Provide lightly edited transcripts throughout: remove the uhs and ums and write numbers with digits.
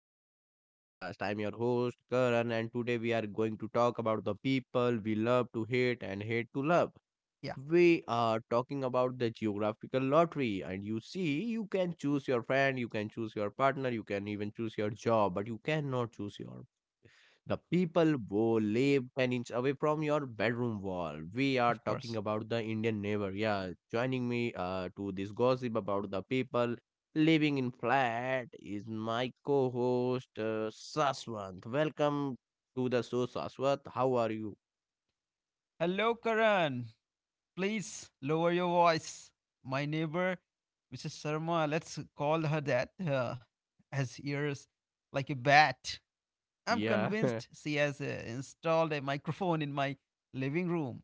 back to the podcast. I'm your host, Karan, and today we are going to talk about the people we love to hate and hate to love. Yeah, We are talking about the geographical lottery, and you see, you can choose your friend, you can choose your partner, you can even choose your job, but you cannot choose your the people who live 10 inch away from your bedroom wall. We of are talking course. about the Indian neighbor. Yeah, joining me to this gossip about the people living in flat is my co host, Saswant. Welcome to the show, Saswant. How are you? Hello, Karan. Please lower your voice. My neighbor, Mrs. Sharma, let's call her that, has ears like a bat. I'm Yeah. convinced she has installed a microphone in my living room.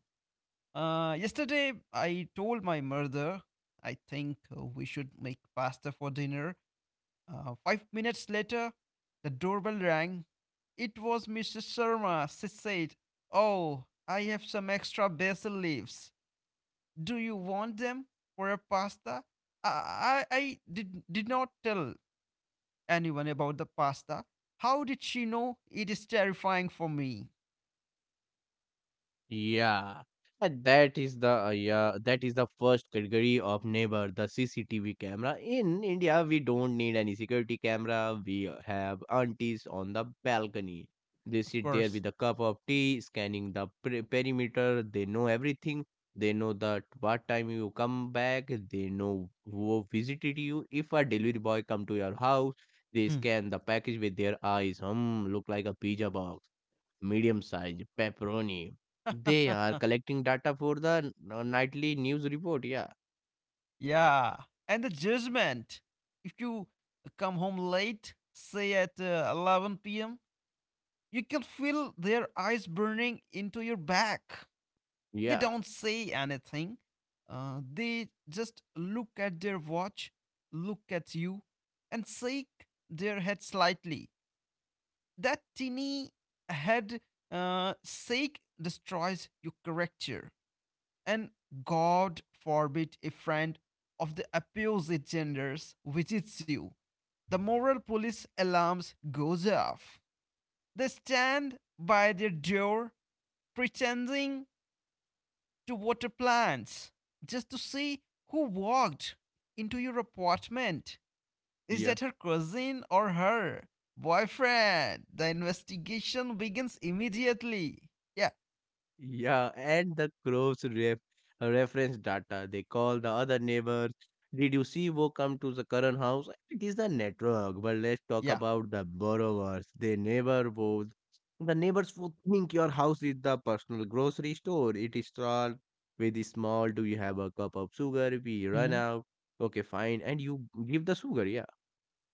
Yesterday, I told my mother I think we should make pasta for dinner. 5 minutes later, the doorbell rang. It was Mrs. Sharma. She said, Oh, I have some extra basil leaves. Do you want them for a pasta? I did not tell anyone about the pasta. How did she know? It is terrifying for me. Yeah, and that is the first category of neighbor, the CCTV camera. In India, we don't need any security camera. We have aunties on the balcony. They Of sit there course. with a cup of tea, scanning the perimeter. They know everything. They know that what time you come back. They know who visited you. If a delivery boy come to your house, they Hmm. scan the package with their eyes. Hmm, look like a pizza box medium size, pepperoni. They are collecting data for the nightly news report. Yeah, Yeah. And the judgment. If you come home late, say at 11 p.m., you can feel their eyes burning into your back. They yeah, don't say anything. They just look at their watch, look at you, and shake their head slightly. That teeny head shake destroys your character. And God forbid a friend of the opposite genders visits you. The moral police alarms goes off. They stand by their door pretending to water plants just to see who walked into your apartment. Is that yeah, her cousin or her boyfriend? The investigation begins immediately. Yeah, yeah. And the crows reference data. They call the other neighbors. Did you see who come to the current house? It is the network. But let's talk yeah. about the borrowers. They never would. The neighbors would think your house is the personal grocery store. It is starts with small. Do you have a cup of sugar? We run Hmm, out. Okay, fine. And you give the sugar. Yeah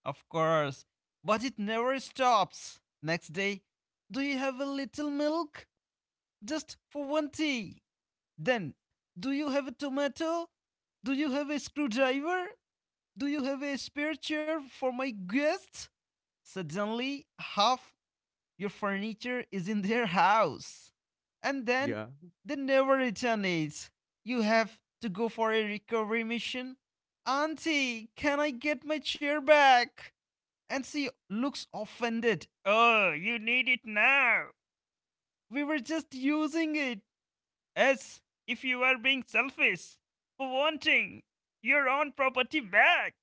of course. But it never stops. Next day, do you have a little milk? Just for one tea. Then, do you have a tomato? Do you have a screwdriver? Do you have a spare chair for my guest? Suddenly, half your furniture is in their house. And then Yeah. they never return it. You have to go for a recovery mission. Auntie, can I get my chair back? And she looks offended. Oh, you need it now. We were just using it. As if you are being selfish for wanting your own property back.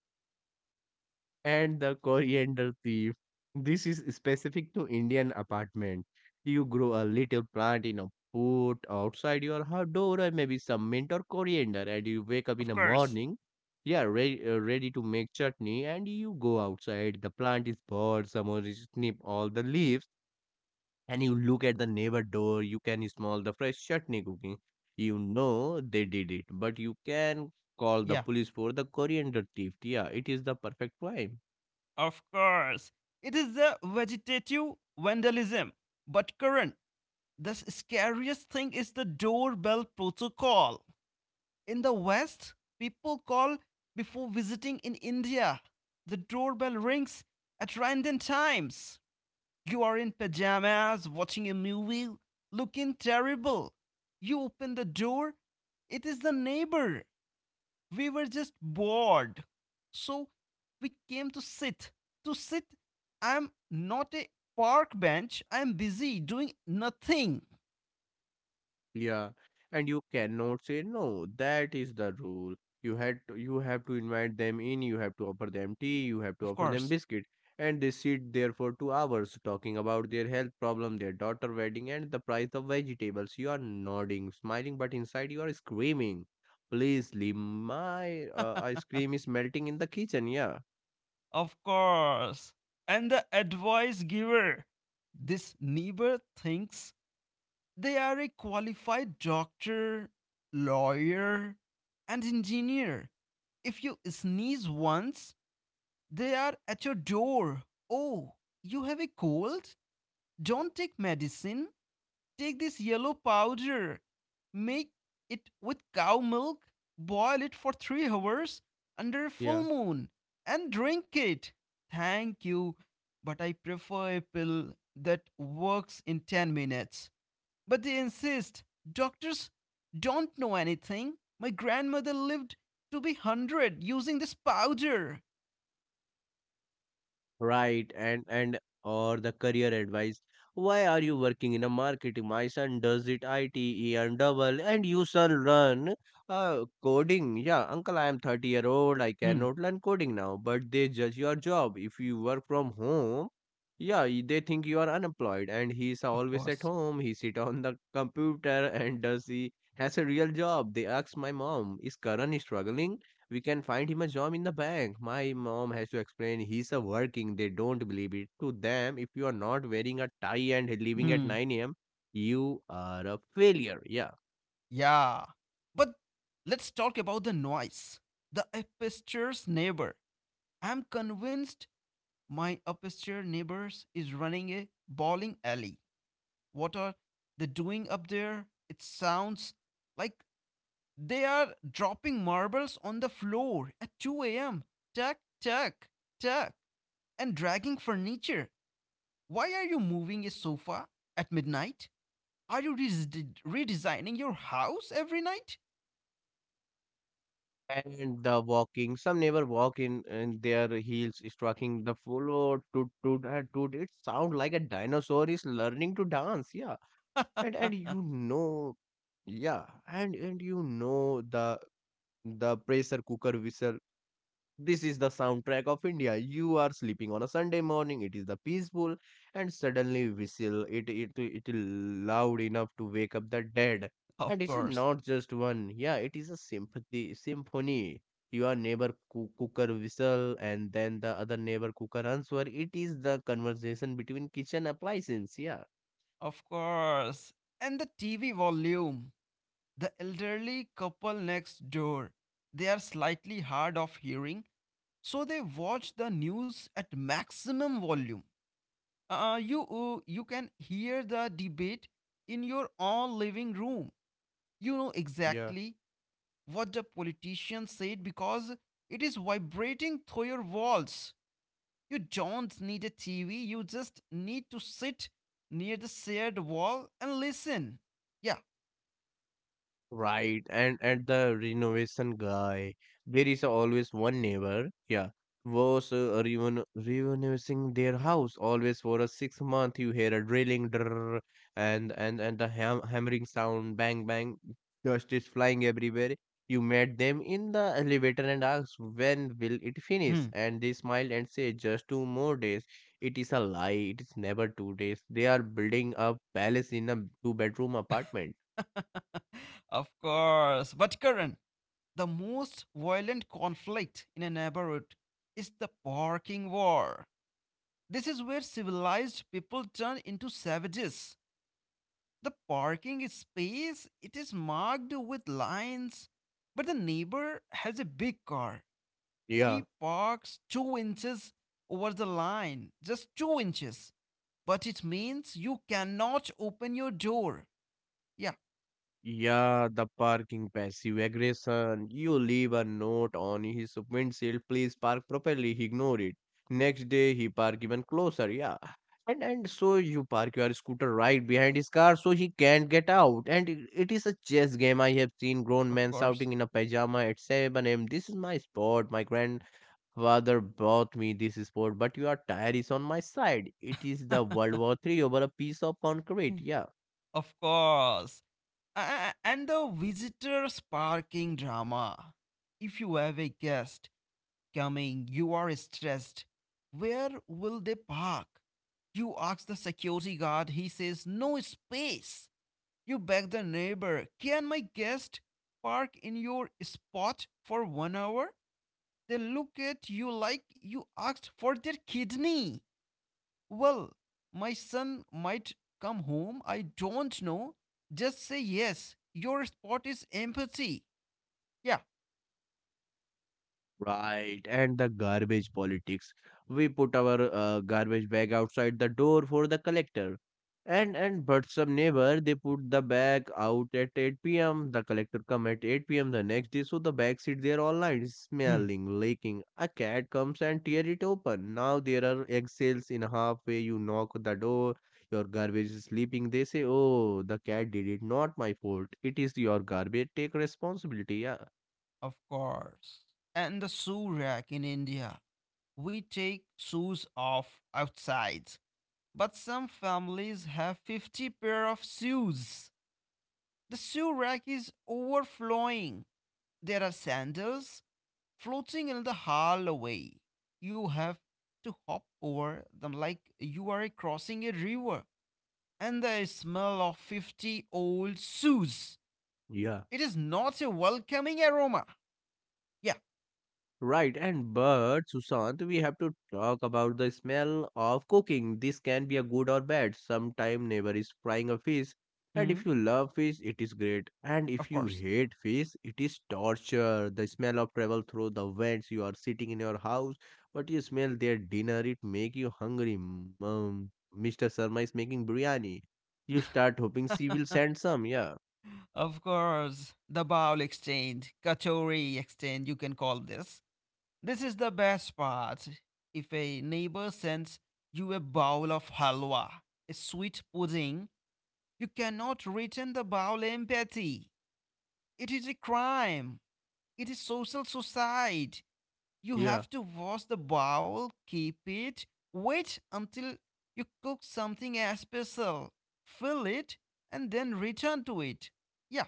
And the coriander thief. This is specific to Indian apartment. You grow a little plant in a pot outside your door, or maybe some mint or coriander, and you wake up in Of the course. morning. Yeah, ready, ready to make chutney, and you go outside. The plant is bored. Someone is snip all the leaves, and you look at the neighbor door. You can smell the fresh chutney cooking. You know they did it, but you can call the Yeah, police for the coriander thief. Yeah, it is the perfect crime. of course. It is the vegetative vandalism. But current, the scariest thing is the doorbell protocol. In the West, people call before visiting in India. The doorbell rings at random times. You are in pajamas watching a movie looking terrible. You open the door, it is the neighbor. We were just bored. So we came to sit. To sit, I'm not a park bench. I'm busy doing nothing. Yeah, and you cannot say no. That is the rule. You have to invite them in. You have to offer them tea. You have to Of offer them course. biscuit, and they sit there for 2 hours talking about their health problem, their daughter wedding, and the price of vegetables. You are nodding, smiling, but inside you are screaming. Please leave my ice cream is melting in the kitchen. Yeah. Of course. And the advice giver. This neighbor thinks they are a qualified doctor, lawyer, and engineer. If you sneeze once, they are at your door. Oh, you have a cold? Don't take medicine. Take this yellow powder, make it with cow milk, boil it for 3 hours under a full Yeah. moon, and drink it. Thank you, but I prefer a pill that works in 10 minutes. But they insist doctors don't know anything. My grandmother lived to be 100 using this powder. Right, and or the career advice. Why are you working in a marketing? My son does it ITE and double, and you son run, coding. Yeah, uncle, I am 30-year-old. I Hmm, cannot learn coding now. But they judge your job. If you work from home, yeah, they think you are unemployed. And he is of always at course. home. He sit on the computer and does he has a real job. They ask my mom, is Karan struggling? We can find him a job in the bank. My mom has to explain he's a working. They don't believe it. To them, if you are not wearing a tie and leaving at Hmm. 9 a.m., you are a failure. Yeah. Yeah. But let's talk about the noise. The upstairs neighbor. I'm convinced my upstairs neighbors is running a bowling alley. What are they doing up there? It sounds like they are dropping marbles on the floor at 2 a.m. Tuck, tuck, tuck, and dragging furniture. Why are you moving a sofa at midnight? Are you redesigning your house every night? And the walking, some neighbor walk in and their heels striking the floor. Toot toot and toot. It sound like a dinosaur is learning to dance. Yeah. And you know, yeah. And you know the pressure cooker whistle. This is the soundtrack of India. You are sleeping on a Sunday morning. It is the peaceful, and suddenly whistle. It loud enough to wake up the dead. Of And it is course. not just one. Yeah, it is a sympathy symphony. Your neighbor cooker whistle, and then the other neighbor cooker answer. It is the conversation between kitchen appliances. Yeah. Of course. And the TV volume. The elderly couple next door. They are slightly hard of hearing, so they watch the news at maximum volume. You can hear the debate in your own living room. You know Yeah. exactly what the politician said because it is vibrating through your walls. You don't need a TV, you just need to sit near the shared wall and listen. Yeah, Right, and at the renovation guy, there is always one neighbor, yeah, was reven renovating their house always for a 6 month. You hear a drilling, drrrr, and the hammering sound, bang bang, dust is flying everywhere. You met them in the elevator and asked, "When will it finish?" hmm, And they smile and say, "Just two more days." It is a lie. It is never 2 days. They are building a palace in a two-bedroom apartment. of course. But Karan, the most violent conflict in a neighborhood is the parking war. This is where civilized people turn into savages. The parking space it is marked with lines, but the neighbor has a big car. Yeah. He parks 2 inches over the line, just 2 inches. But it means you cannot open your door. Yeah, Yeah, the parking passive aggression. You leave a note on his windshield, please park properly. He ignored it. Next day he park even closer. Yeah. And so you park your scooter right behind his car so he can't get out. And it is a chess game. I have seen grown of men course. shouting in a pajama at 7 a.m. This is my sport. My grandfather bought me this sport, but your tire is on my side. It is the World War Three over a piece of Hmm. concrete. Yeah. Of course. And the visitors parking drama. If you have a guest coming, you are stressed. Where will they park? You ask the security guard, he says, No space. You beg the neighbor, Can my guest park in your spot for 1 hour? They look at you like you asked for their kidney. Well, my son might come home. I don't know. Just say yes. Your spot is empathy. Yeah. Right, and the garbage politics. We put our, garbage bag outside the door for the collector. And but some neighbor they put the bag out at 8 p.m. The collector come at 8 p.m. the next day, so the bag sit there all night, Hmm. smelling, leaking. A cat comes and tear it open. Now there are eggshells in halfway. You knock the door. Your garbage is sleeping. They say, "Oh, the cat did it. Not my fault. It is your garbage. Take responsibility." Yeah, Of course. And the shoe rack in India. We take shoes off outside. But some families have 50 pair of shoes. The shoe rack is overflowing. There are sandals, floating in the hallway. You have to hop over them like you are crossing a river. And the smell of 50 old shoes. yeah. It is not a welcoming aroma. Yeah. Right, and but Sushant, we have to talk about the smell of cooking. This can be a good or bad. Sometime neighbor is frying a fish, and Hmm. if you love fish, it is great. And if Of you course. hate fish, it is torture. The smell of travel through the vents. You are sitting in your house, but you smell their dinner. It make you hungry. Mr. Sharma is making biryani. You start hoping she will send some. Yeah. Of course. The bowl exchange, Katori exchange, you can call this. This is the best part. If a neighbor sends you a bowl of halwa, a sweet pudding, you cannot return the bowl empty. It is a crime. It is social suicide. You have to wash the bowl, keep it, wait until you cook something special, fill it, and then return to it. Yeah,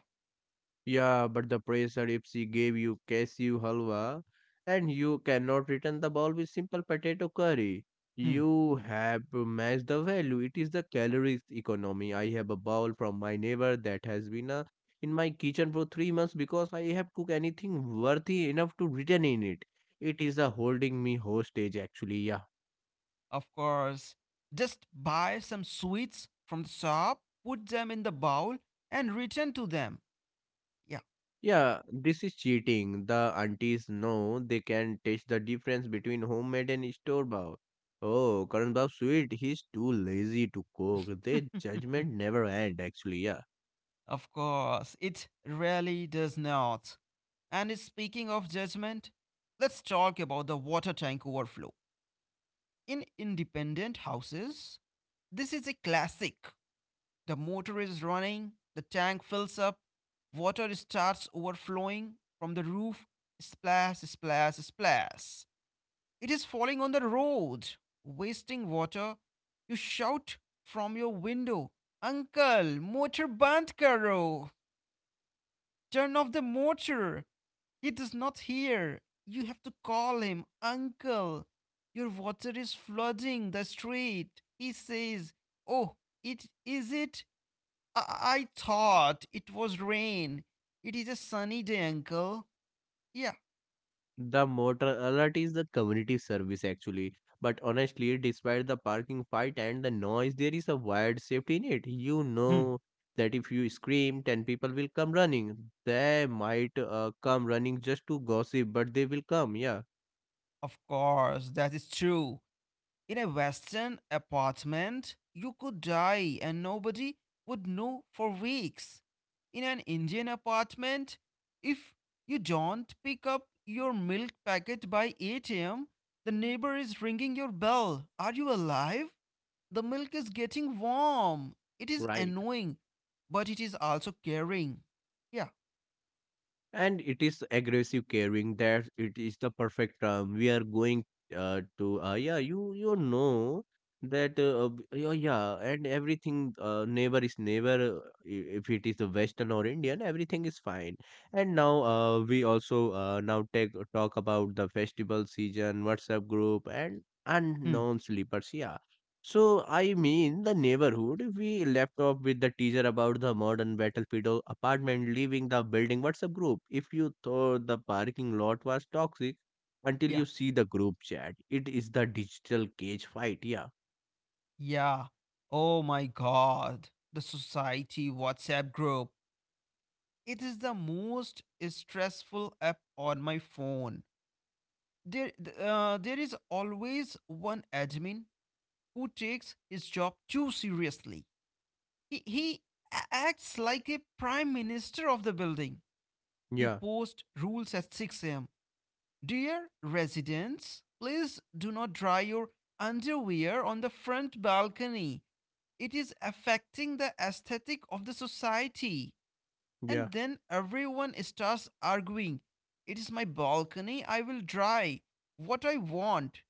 Yeah, but the pressure if she gave you cashew halwa and you cannot return the bowl with simple potato curry. hmm, You have to match the value. It is the calories economy. I have a bowl from my neighbor that has been, in my kitchen for 3 months because I have cooked anything worthy enough to return in it. It is a holding me hostage actually. Yeah. of course. Just buy some sweets from the shop, put them in the bowl, and return to them. Yeah, Yeah, this is cheating. The aunties know they can taste the difference between homemade and store bought. Oh, Karan Bab sweet, he's too lazy to cook. Their judgment never end actually, yeah. of course. It really does not. And speaking of judgment, let's talk about the water tank overflow. In independent houses, this is a classic. The motor is running, the tank fills up, water starts overflowing from the roof. Splash, splash, splash. It is falling on the road, wasting water. You shout from your window, Uncle, motor band karo. Turn off the motor. He does not hear. You have to call him, Uncle. Your water is flooding the street. He says, Oh, it is it? I thought it was rain. It is a sunny day, Uncle. Yeah. The motor alert is the community service actually. But honestly, despite the parking fight and the noise, there is a wired safety net. You Hmm, know that if you scream, 10 people will come running. They might, come running just to gossip, but they will come, yeah. of course, that is true. In a Western apartment, you could die and nobody would know for weeks. In an Indian apartment, if you don't pick up your milk packet by 8 a.m., the neighbor is ringing your bell. Are you alive? The milk is getting warm. It is Right. annoying, but it is also caring. Yeah. And it is aggressive caring that it is the perfect term. We are going to yeah, you know that b- yeah, yeah, and everything Neighbor is neighbor. If it is the Western or Indian, everything is fine. And now, we also now take talk about the festival season, WhatsApp group, and Hmm. unknown sleepers. Yeah, so, I mean, the neighborhood, we left off with the teaser about the modern battlefield apartment leaving the building WhatsApp group. If you thought the parking lot was toxic, until Yeah. you see the group chat, it is the digital cage fight. Yeah, Yeah. Oh my god. The society WhatsApp group. It is the most stressful app on my phone. There is always one admin who takes his job too seriously. He acts like a prime minister of the building. He yeah, posts rules at 6 a.m. Dear residents, please do not dry your underwear on the front balcony. It is affecting the aesthetic of the society. yeah. And then everyone starts arguing. It is my balcony. I will dry what I want.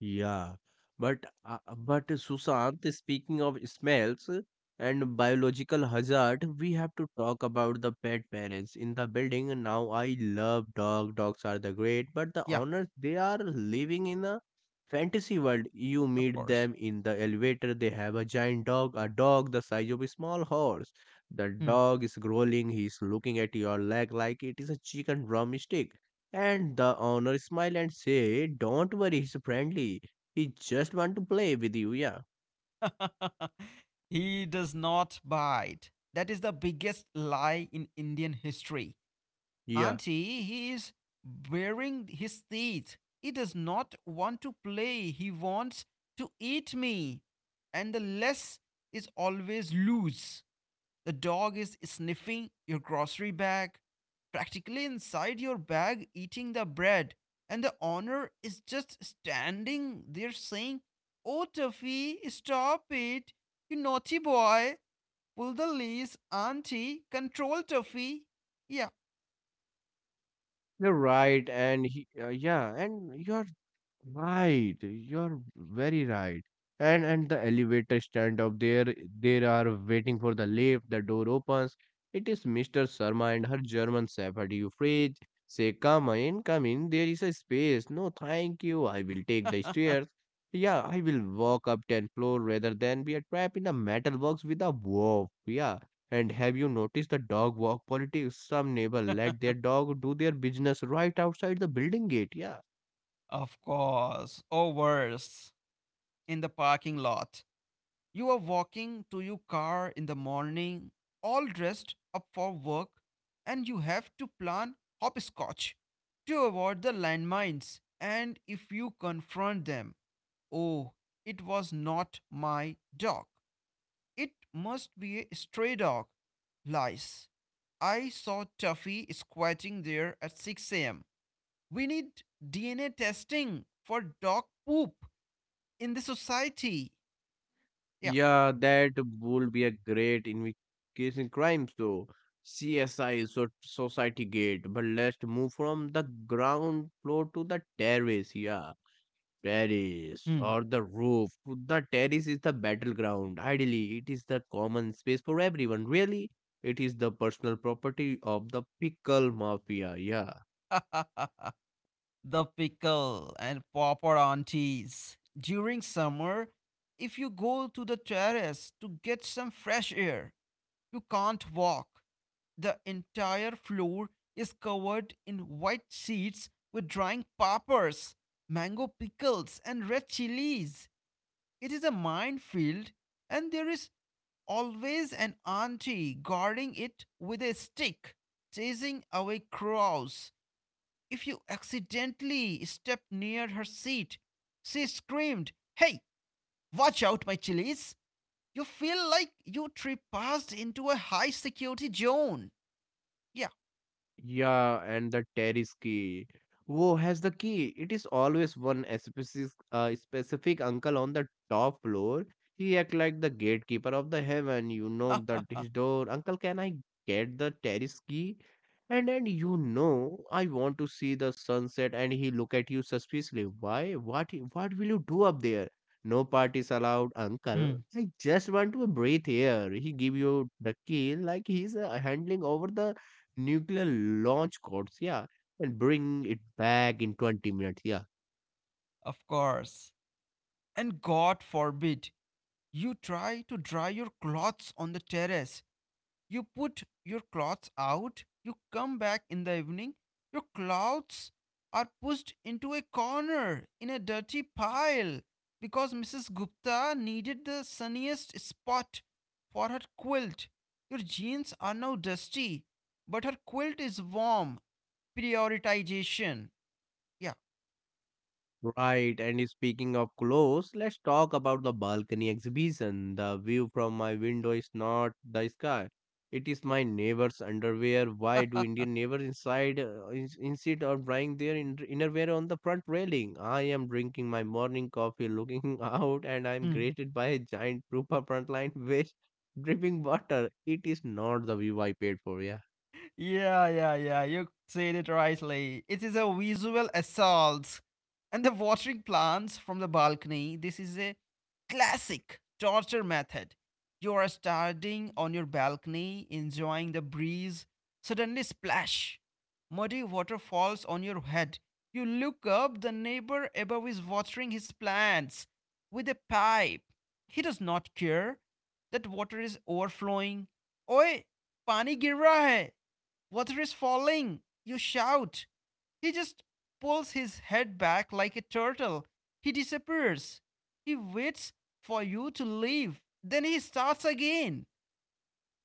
Yeah, but Sushant, speaking of smells and biological hazard, we have to talk about the pet parents in the building. Now, I love dog. Dogs are the great, but the Yeah, owners they are living in a fantasy world. You of meet course. them in the elevator. They have a giant dog, a dog the size of a small horse. The Hmm. dog is growling. He's looking at your leg like it is a chicken drumstick and the owner smiled and said, don't worry, he's friendly. He just want to play with you, yeah. He does not bite. That is the biggest lie in Indian history. Yeah, Auntie, he is baring his teeth. He does not want to play. He wants to eat me. And the less is always loose. The dog is sniffing your grocery bag, practically inside your bag, eating the bread. And the owner is just standing there saying, Oh, Tuffy, stop it. You naughty boy. Pull the leash, auntie. Control Tuffy. Yeah. you're right, and he, yeah, and you're Right, you're very right. And the elevator stand up there, they are waiting for the lift, the door opens. It is Mr. Sharma and her German shepherd Euphrates. Say, come in, come in, there is a space. No, thank you, I will take the stairs. Yeah, I will walk up 10 floor rather than be a trap in a metal box with a wolf. Yeah. And have you noticed the dog walk politics? Some neighbor let their dog do their business right outside the building gate. Yeah Of course. Or worse. In the parking lot. You are walking to your car in the morning, all dressed up for work, and you have to plan hopscotch to avoid the landmines. And if you confront them, oh, it was not my dog. It must be a stray dog. Lies. I saw Tuffy squatting there at 6 a.m. We need DNA testing for dog poop in the society. Yeah. Yeah, that would be a great investigation crime. So, CSI, so Society Gate. But let's move from the ground floor to the terrace. Yeah, terrace Hmm. or the roof. The terrace is the battleground. Ideally, it is the common space for everyone. Really, it is the personal property of the pickle mafia. Yeah. The pickle and popper aunties. During summer, if you go to the terrace to get some fresh air, you can't walk. The entire floor is covered in white sheets with drying poppers, mango pickles, and red chilies. It is a minefield, and there is always an auntie guarding it with a stick, chasing away crows. If you accidentally stepped near her seat, she screamed, Hey, watch out, my chilies! You feel like you trespassed into a high security zone. Yeah. Yeah, and the terrace key. Who has the key? It is always one specific, specific uncle on the top floor. He act like the gatekeeper of the heaven. You knock the his door. Uncle, can I get the terrace key? And then I want to see the sunset. And he look at you suspiciously. Why? What? What will you do up there? No parties allowed, uncle. Hmm. I just want to breathe here. He give you the key like he's handling over the nuclear launch codes, yeah, and bring it back in 20 minutes, yeah. Of course. And God forbid you try to dry your clothes on the terrace. You put your clothes out, you come back in the evening, your clothes are pushed into a corner in a dirty pile because Mrs. Gupta needed the sunniest spot for her quilt. Your jeans are now dusty, but her quilt is warm. Prioritization. Yeah. Right, and speaking of clothes, let's talk about the balcony exhibition. The view from my window is not the sky. It is my neighbor's underwear. Why do Indian neighbors inside insist on drying their innerwear on the front railing? I am drinking my morning coffee, looking out, and I am Hmm. greeted by a giant group of frontline waste dripping water. It is not the view I paid for, yeah. Yeah, yeah, yeah. You said it rightly. It is a visual assault. And the watering plants from the balcony, this is a classic torture method. You are standing on your balcony, enjoying the breeze. Suddenly, splash! Muddy water falls on your head. You look up, the neighbor above is watering his plants with a pipe. He does not care that water is overflowing. Oi, pani गिर रहा है. Water is falling! You shout. He just pulls his head back like a turtle. He disappears. He waits for you to leave. Then he starts again.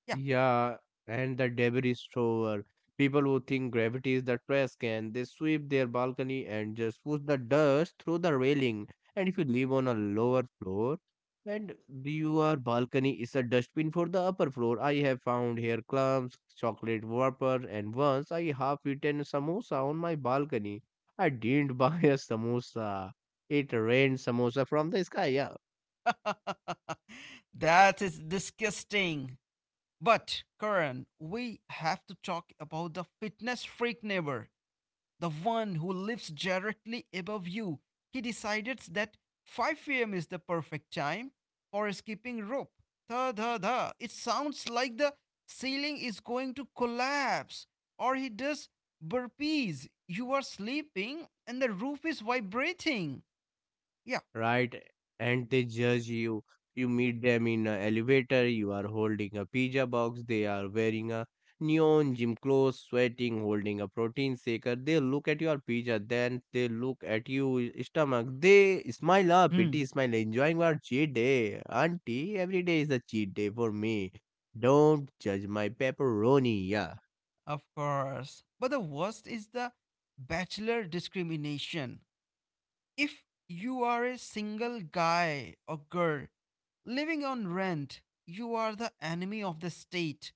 Yeah, Yeah, and the debris thrower. People who think gravity is the trash can, they sweep their balcony and just push the dust through the railing. And if you live on a lower floor, and your balcony is a dustbin for the upper floor, I have found hair clumps, chocolate vapor, and once I half eaten samosa on my balcony. I didn't buy a samosa. It rained samosa from the sky. Yeah. that is disgusting. But, Karan, we have to talk about the fitness freak neighbor. The one who lives directly above you. He decides that 5 p.m. is the perfect time for skipping rope. Da da da. It sounds like the ceiling is going to collapse. Or he does burpees. You are sleeping and the roof is vibrating. Yeah. Right? And they judge you. You meet them in an elevator, you are holding a pizza box, they are wearing a neon gym clothes, sweating, holding a protein shaker. They look at your pizza, then they look at you stomach. They smile up, Hmm. pity smile, enjoying your cheat day. Auntie, every day is a cheat day for me. Don't judge my pepperoni, yeah. Of course. But the worst is the bachelor discrimination. If you are a single guy or girl living on rent, you are the enemy of the state.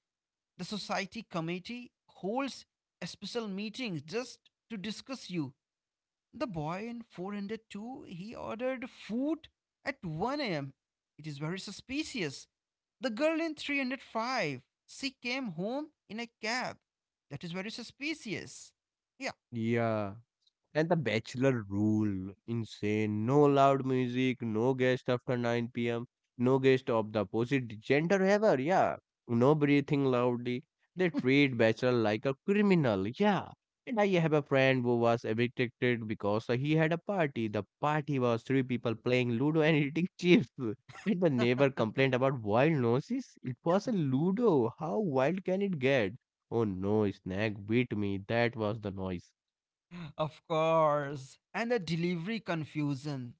The society committee holds a special meeting just to discuss you. The boy in 402, he ordered food at 1 a.m. It is very suspicious. The girl in 305, she came home in a cab. That is very suspicious. Yeah, Yeah. And the bachelor rule, insane. No loud music, no guest after 9 p.m., no guest of the opposite gender ever, yeah. No breathing loudly. They treat bachelor like a criminal, yeah. And I have a friend who was evicted because he had a party. The party was three people playing Ludo and eating chips. And the neighbor complained about wild noises. It was a Ludo. How wild can it get? Oh no, snag beat me. That was the noise. of course. And the delivery confusion.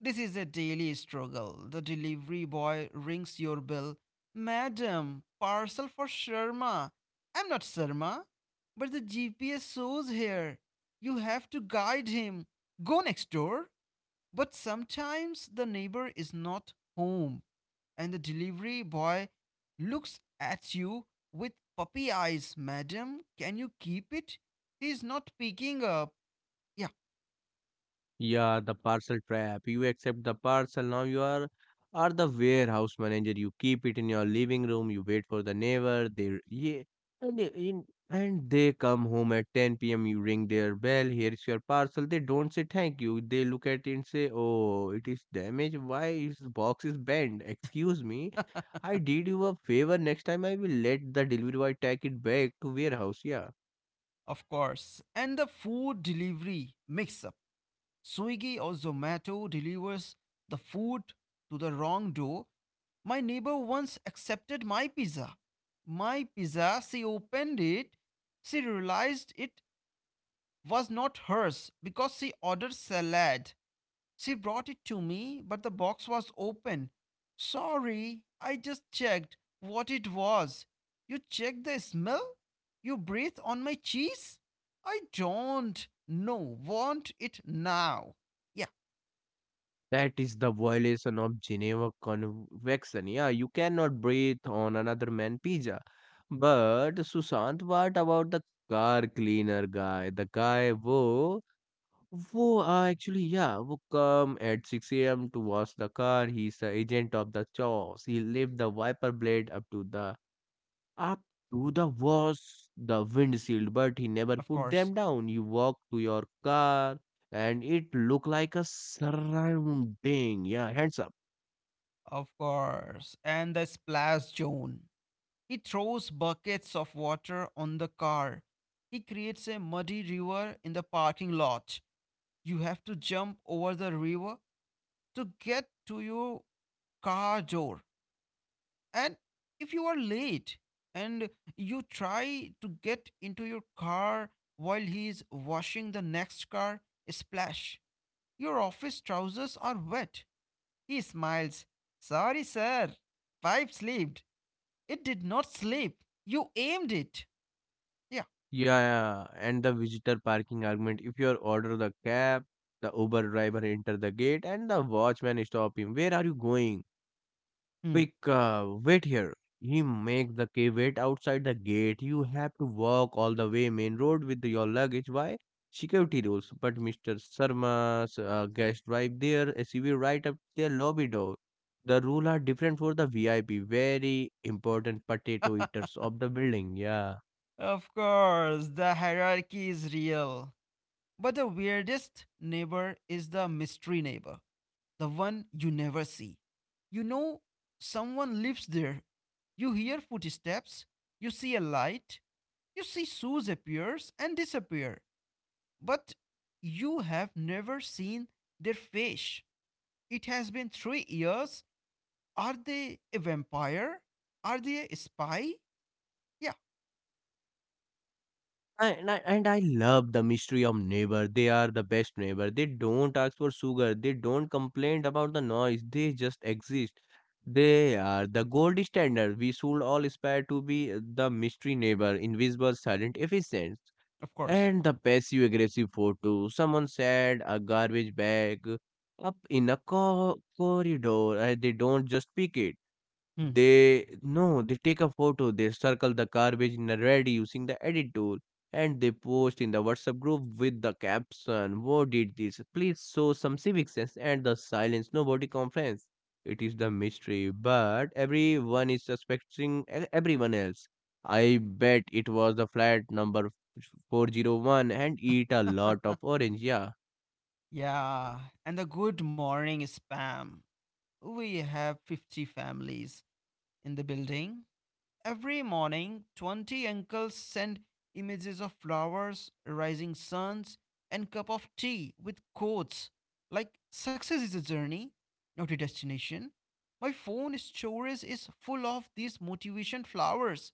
This is a daily struggle. The delivery boy rings your bell. Madam, parcel for Sharma. I'm not Sharma, but the GPS shows here. You have to guide him. Go next door. But sometimes the neighbor is not home and the delivery boy looks at you with puppy eyes. Madam, can you keep it? He's not picking up. Yeah, Yeah, the parcel trap. You accept the parcel. Now you are the warehouse manager. You keep it in your living room. You wait for the neighbor. They r- yeah, and they- in and they come home at 10 p.m. You ring their bell. Here is your parcel. They don't say thank you. They look at it and say, "Oh, it is damaged. Why is box is bent? Excuse me." I did you a favor. Next time I will let the delivery boy take it back to warehouse. Yeah. of course. And the food delivery mix up. Swiggy or Zomato delivers the food to the wrong door. My neighbor once accepted my pizza. My pizza, she opened it. She realized it was not hers because she ordered salad. She brought it to me, but the box was open. Sorry, I just checked what it was. You check the smell? You breathe on my cheese? I don't. No, want it now. Yeah. That is the violation of Geneva Convention. Yeah, you cannot breathe on another man pizza. But Sushant, what about the car cleaner guy? The guy who actually yeah who come at 6 a.m. to wash the car. He's the agent of the chaos. He left the wiper blade up to the windshield, but he never Of put course. them down. You walk to your car and it looked like a surrounding. Yeah, hands up. Of course. And the splash zone. He throws buckets of water on the car. He creates a muddy river in the parking lot. You have to jump over the river to get to your car door. And if you are late and you try to get into your car while he is washing the next car, splash. Your office trousers are wet. He smiles. Sorry, sir. Pipe slipped. It did not slip. You aimed it. Yeah. Yeah, yeah, and the visitor parking argument. If you order the cab, the Uber driver enter the gate and the watchman stop him. Where are you going? Hmm. Quick, wait here. He make the key wait outside the gate. You have to walk all the way main road with your luggage. Why? Security rules. But Mr. Sharma's guest drive there, SUV right up their lobby door. The rule are different for the VIP, very important potato eaters of the building. Yeah. Of course, the hierarchy is real. But the weirdest neighbor is the mystery neighbor, the one you never see. You know someone lives there. You hear footsteps, you see a light, you see shoes appears and disappear, but you have never seen their face. It has been 3 years. Are they a vampire? Are they a spy? Yeah, And I love the mystery of neighbor. They are the best neighbor. They don't ask for sugar. They don't complain about the noise. They just exist. They are the gold standard. We should all aspire to be the mystery neighbor, invisible, silent, efficient. of course. And the passive aggressive photo. Someone said a garbage bag up in a corridor and they don't just pick it. Hmm. They no, they take a photo, they circle the garbage in a red using the edit tool, and they post in the WhatsApp group with the caption, who did this? Please show some civic sense and the silence nobody complains. It is the mystery, but everyone is suspecting everyone else. I bet it was the flat number 401 and eat a lot of orange, yeah. Yeah, and the good morning spam. We have 50 families in the building. Every morning, 20 uncles send images of flowers, rising suns, and cup of tea with quotes like success is a journey, not a destination. My phone storage is full of these motivation flowers.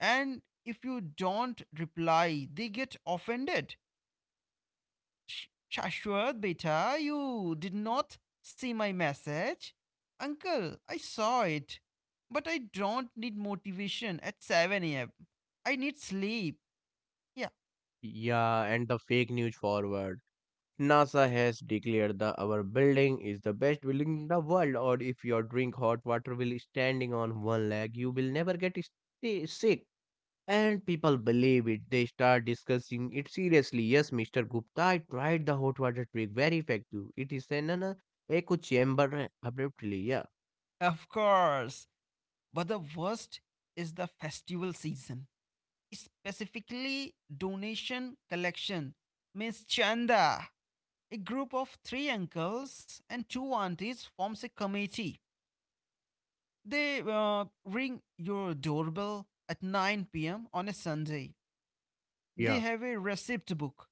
And if you don't reply, they get offended. Sh- Shashwat, beta, you did not see my message. Uncle, I saw it. But I don't need motivation at 7 am. I need sleep. Yeah, Yeah, and the fake news forward. NASA has declared that our building is the best building in the world, or if you drink hot water while standing on one leg, you will never get sick. And people believe it. They start discussing it seriously. Yes, Mr. Gupta, I tried the hot water trick. Very effective. It is an echo chamber eh, abruptly. Yeah. of course. But the worst is the festival season, specifically donation collection. Miss Chanda. A group of three uncles and two aunties forms a committee. They ring your doorbell at 9 p.m. on a Sunday. They Yeah. have a receipt book.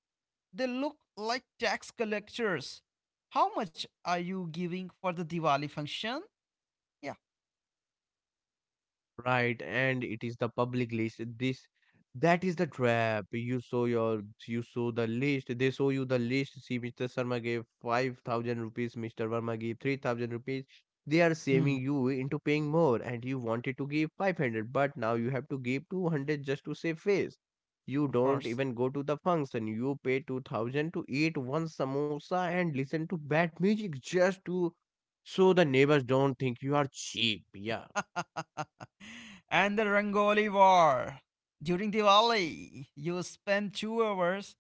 They look like tax collectors. How much are you giving for the Diwali function? Yeah, Right, and it is the public list. This that is the trap. You saw the list. They show you the list. See, Mr. Sharma gave 5,000 rupees. Mr. Verma gave 3,000 rupees. They are hmm, saving you into paying more, and you wanted to give 500, but now you have to give 200 just to save face. You of don't course. even go to the function. You pay 2,000 to eat one samosa and listen to bad music just to so the neighbors don't think you are cheap. Yeah. And the Rangoli war. During Diwali, you spend 2 hours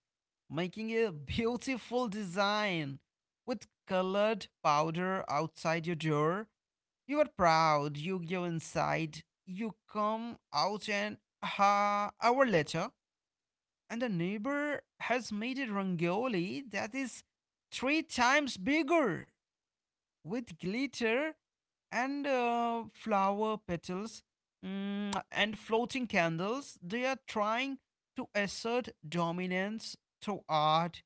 making a beautiful design with colored powder outside your door. You are proud, you go inside, you come out an ha hour later, and the neighbor has made a rangoli that is three times bigger with glitter and flower petals and floating candles. They are trying to assert dominance through art.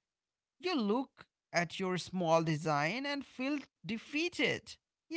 You look at your small design and feel defeated. Yeah,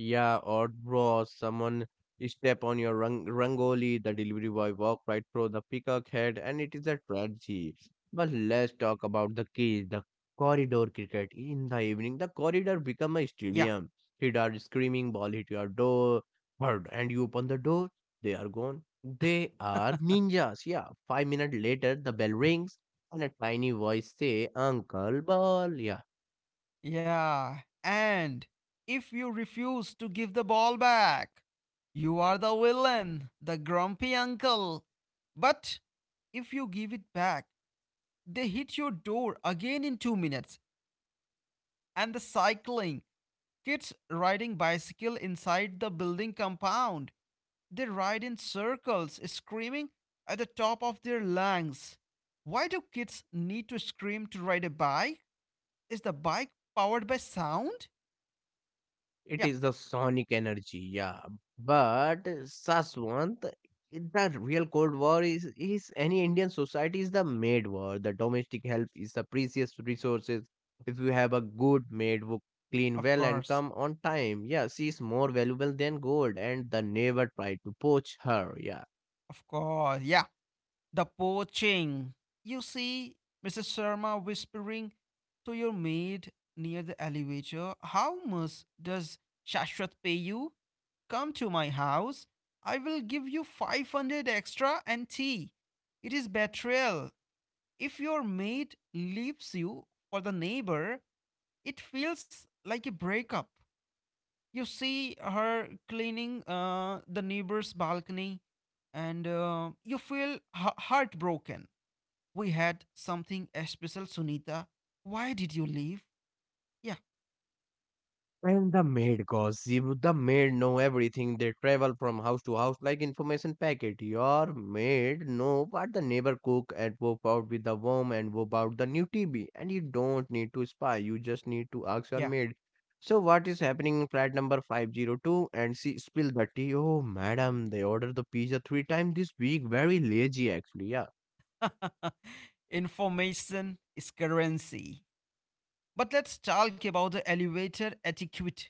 Yeah, or bro, someone step on your rangoli, the delivery boy walk right through the peacock head, and it is a tragedy. But let's talk about the keys, the corridor cricket. In the evening, the corridor become a yeah. stadium. Kids are screaming, ball hit your door, bird, and you open the door, they are gone. They are ninjas. Yeah, 5 minutes later, the bell rings, and a tiny voice say, "Uncle Ball." Yeah, Yeah, and if you refuse to give the ball back, you are the villain, the grumpy uncle. But if you give it back, they hit your door again in 2 minutes. And the cycling kids riding bicycle inside the building compound. They ride in circles, screaming at the top of their lungs. Why do kids need to scream to ride a bike? Is the bike powered by sound? it Yeah, is the sonic energy, yeah. But Saswant, the real Cold War is any Indian society is the maid war. The domestic help is the precious resources. If you have a good maid who clean of well and course. come on time, yeah, she is more valuable than gold, and the neighbor try to poach her. Yeah. Of course. Yeah. The poaching. You see Mrs. Sharma whispering to your maid near the elevator. How much does Shashwat pay you? Come to my house. I will give you 500 extra and tea. It is betrayal. If your maid leaves you for the neighbor, it feels like a breakup. You see her cleaning the neighbor's balcony, and you feel heartbroken. We had something special, Sunita. Why did you leave? Yeah, And the maid gossip, the maid know everything. They travel from house to house like information packet. Your maid know what the neighbor cook and whoop out with the worm and whoop out the new TV. And you don't need to spy. You just need to ask your yeah. maid. So what is happening in flat number 502? And she spill the tea. Oh, madam, they ordered the pizza three times this week. Very lazy actually. Yeah. Information is currency. But let's talk about the elevator etiquette,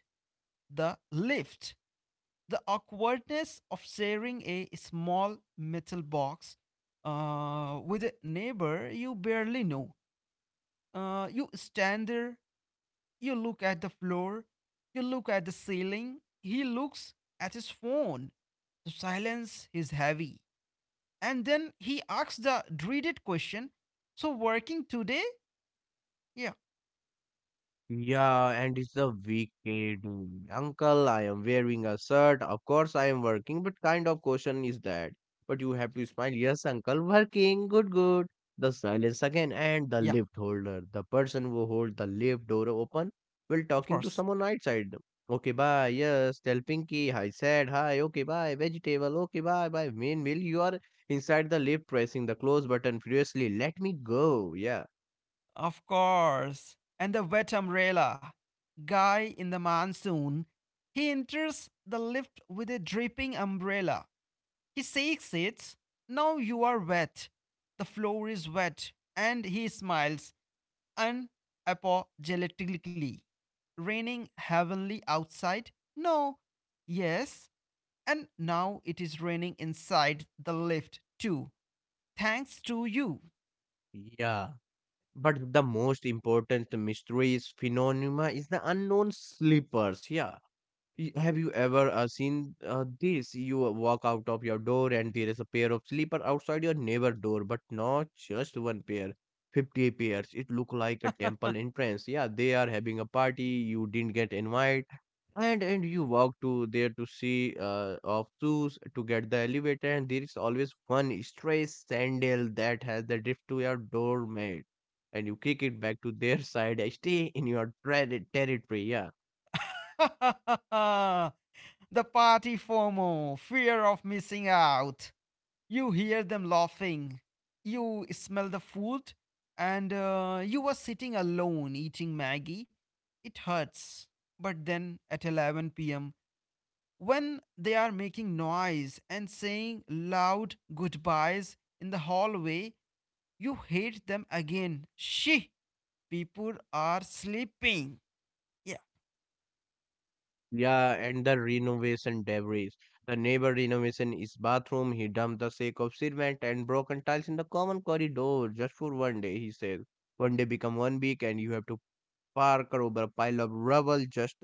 the lift, the awkwardness of sharing a small metal box with a neighbor you barely know. You stand there. You look at the floor, you look at the ceiling, he looks at his phone. The silence is heavy. And then he asks the dreaded question. So, working today? Yeah, Yeah, and it's a weekend. Uncle, I am wearing a shirt. Of course, I am working, but kind of question is that? But you have to smile. Yes, uncle, working. Good, good. The silence again, and the yeah, lift holder, the person who hold the lift door open while of talking to course. someone outside. Okay, bye. Yes, tell Pinky I said hi. Okay, bye. Vegetable. Okay, bye. Bye. Meanwhile, you are inside the lift, pressing the close button furiously. Let me go. Yeah. Of course. And the wet umbrella. Guy in the monsoon. He enters the lift with a dripping umbrella. He shakes it. Now you are wet. The floor is wet. And he smiles unapologetically. Raining heavenly outside? No. Yes. And now it is raining inside the lift too. Thanks to you. Yeah. But the most important mysteries phenomena is the unknown sleepers. Yeah. Have you ever seen this? You walk out of your door and there is a pair of sleeper outside your neighbor door, but not just one pair. 50 pairs. It look like a temple entrance. Yeah, they are having a party. You didn't get invited and you walk to there to see of shoes to get the elevator and there is always one stray sandal that has the drift to your doormat and you kick it back to their side and stay in your territory, yeah. The party FOMO, fear of missing out. You hear them laughing. You smell the food. And you were sitting alone eating Maggie. It hurts. But then at 11 p.m., when they are making noise and saying loud goodbyes in the hallway, you hate them again. She, people are sleeping. Yeah, Yeah, and the renovation debris, the neighbor renovation is bathroom. He dumped the sake of cement and broken tiles in the common corridor just for one day, he says. One day become one week and you have to park over a pile of rubble just.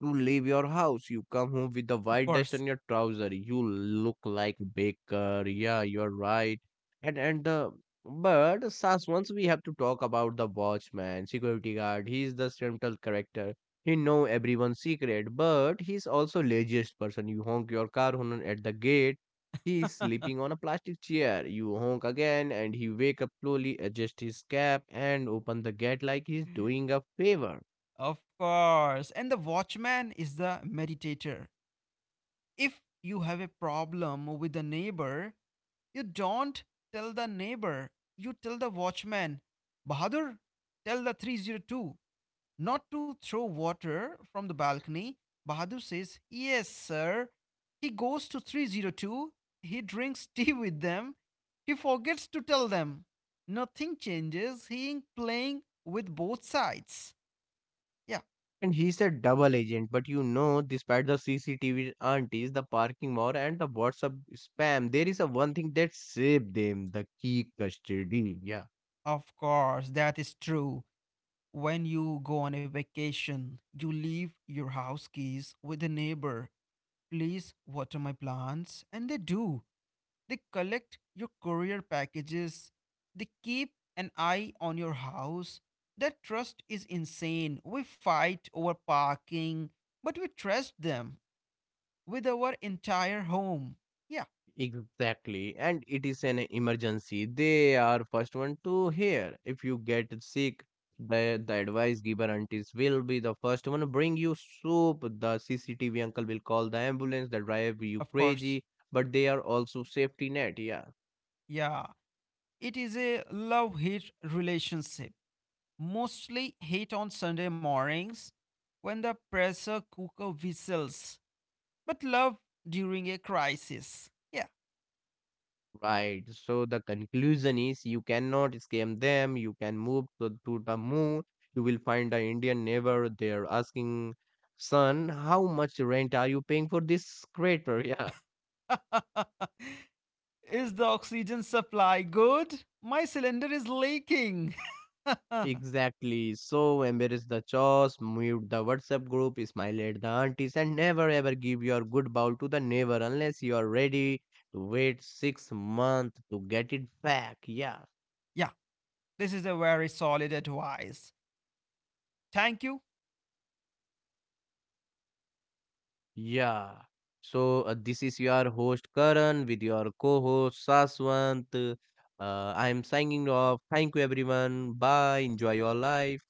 You leave your house, you come home with the of white dust on course. your trouser. You look like baker. Yeah, you're right. And the but Sas, once we have to talk about the watchman, security guard. He's the central character. He know everyone's secret, but he's also laziest person. You honk your car horn at the gate. He's sleeping on a plastic chair. You honk again, and he wake up slowly, adjust his cap, and open the gate like he's doing a favor. Of course. And the watchman is the meditator. If you have a problem with the neighbor, you don't tell the neighbor. You tell the watchman, Bahadur, tell the 302 not to throw water from the balcony. Bahadur says, Yes, sir. He goes to 302. He drinks tea with them. He forgets to tell them. Nothing changes. He is playing with both sides. Yeah, And he's a double agent, but you know, despite the CCTV aunties, the parking war, and the WhatsApp spam, there is a one thing that saved them the key custody. Yeah, of course, that is true. When you go on a vacation, you leave your house keys with a neighbor. Please water my plants. And they do. They collect your courier packages. They keep an eye on your house. That trust is insane. We fight over parking, but we trust them with our entire home. Yeah, exactly. And it is an emergency. They are first one to hear. If you get sick, the advice giver aunties will be the first one to bring you soup. The CCTV uncle will call the ambulance, the driver you of course. crazy, but they are also safety net. Yeah. Yeah. It is a love hate relationship. Mostly hate on Sunday mornings when the pressure cooker whistles, but love during a crisis. Yeah. Right. So the conclusion is you cannot scam them. You can move to the moon. You will find an Indian neighbor there asking, son, how much rent are you paying for this crater? Yeah, Is the oxygen supply good? My cylinder is leaking. Yeah, exactly. So embrace the chores, mute the WhatsApp group, smile at the aunties, and never ever give your good bowl to the neighbor unless you are ready to wait 6 months to get it back. Yeah. this is a very solid advice. Thank you Yeah. So this is your host Karan with your co-host Saswant. I'm signing off. Thank you everyone. Bye. Enjoy your life.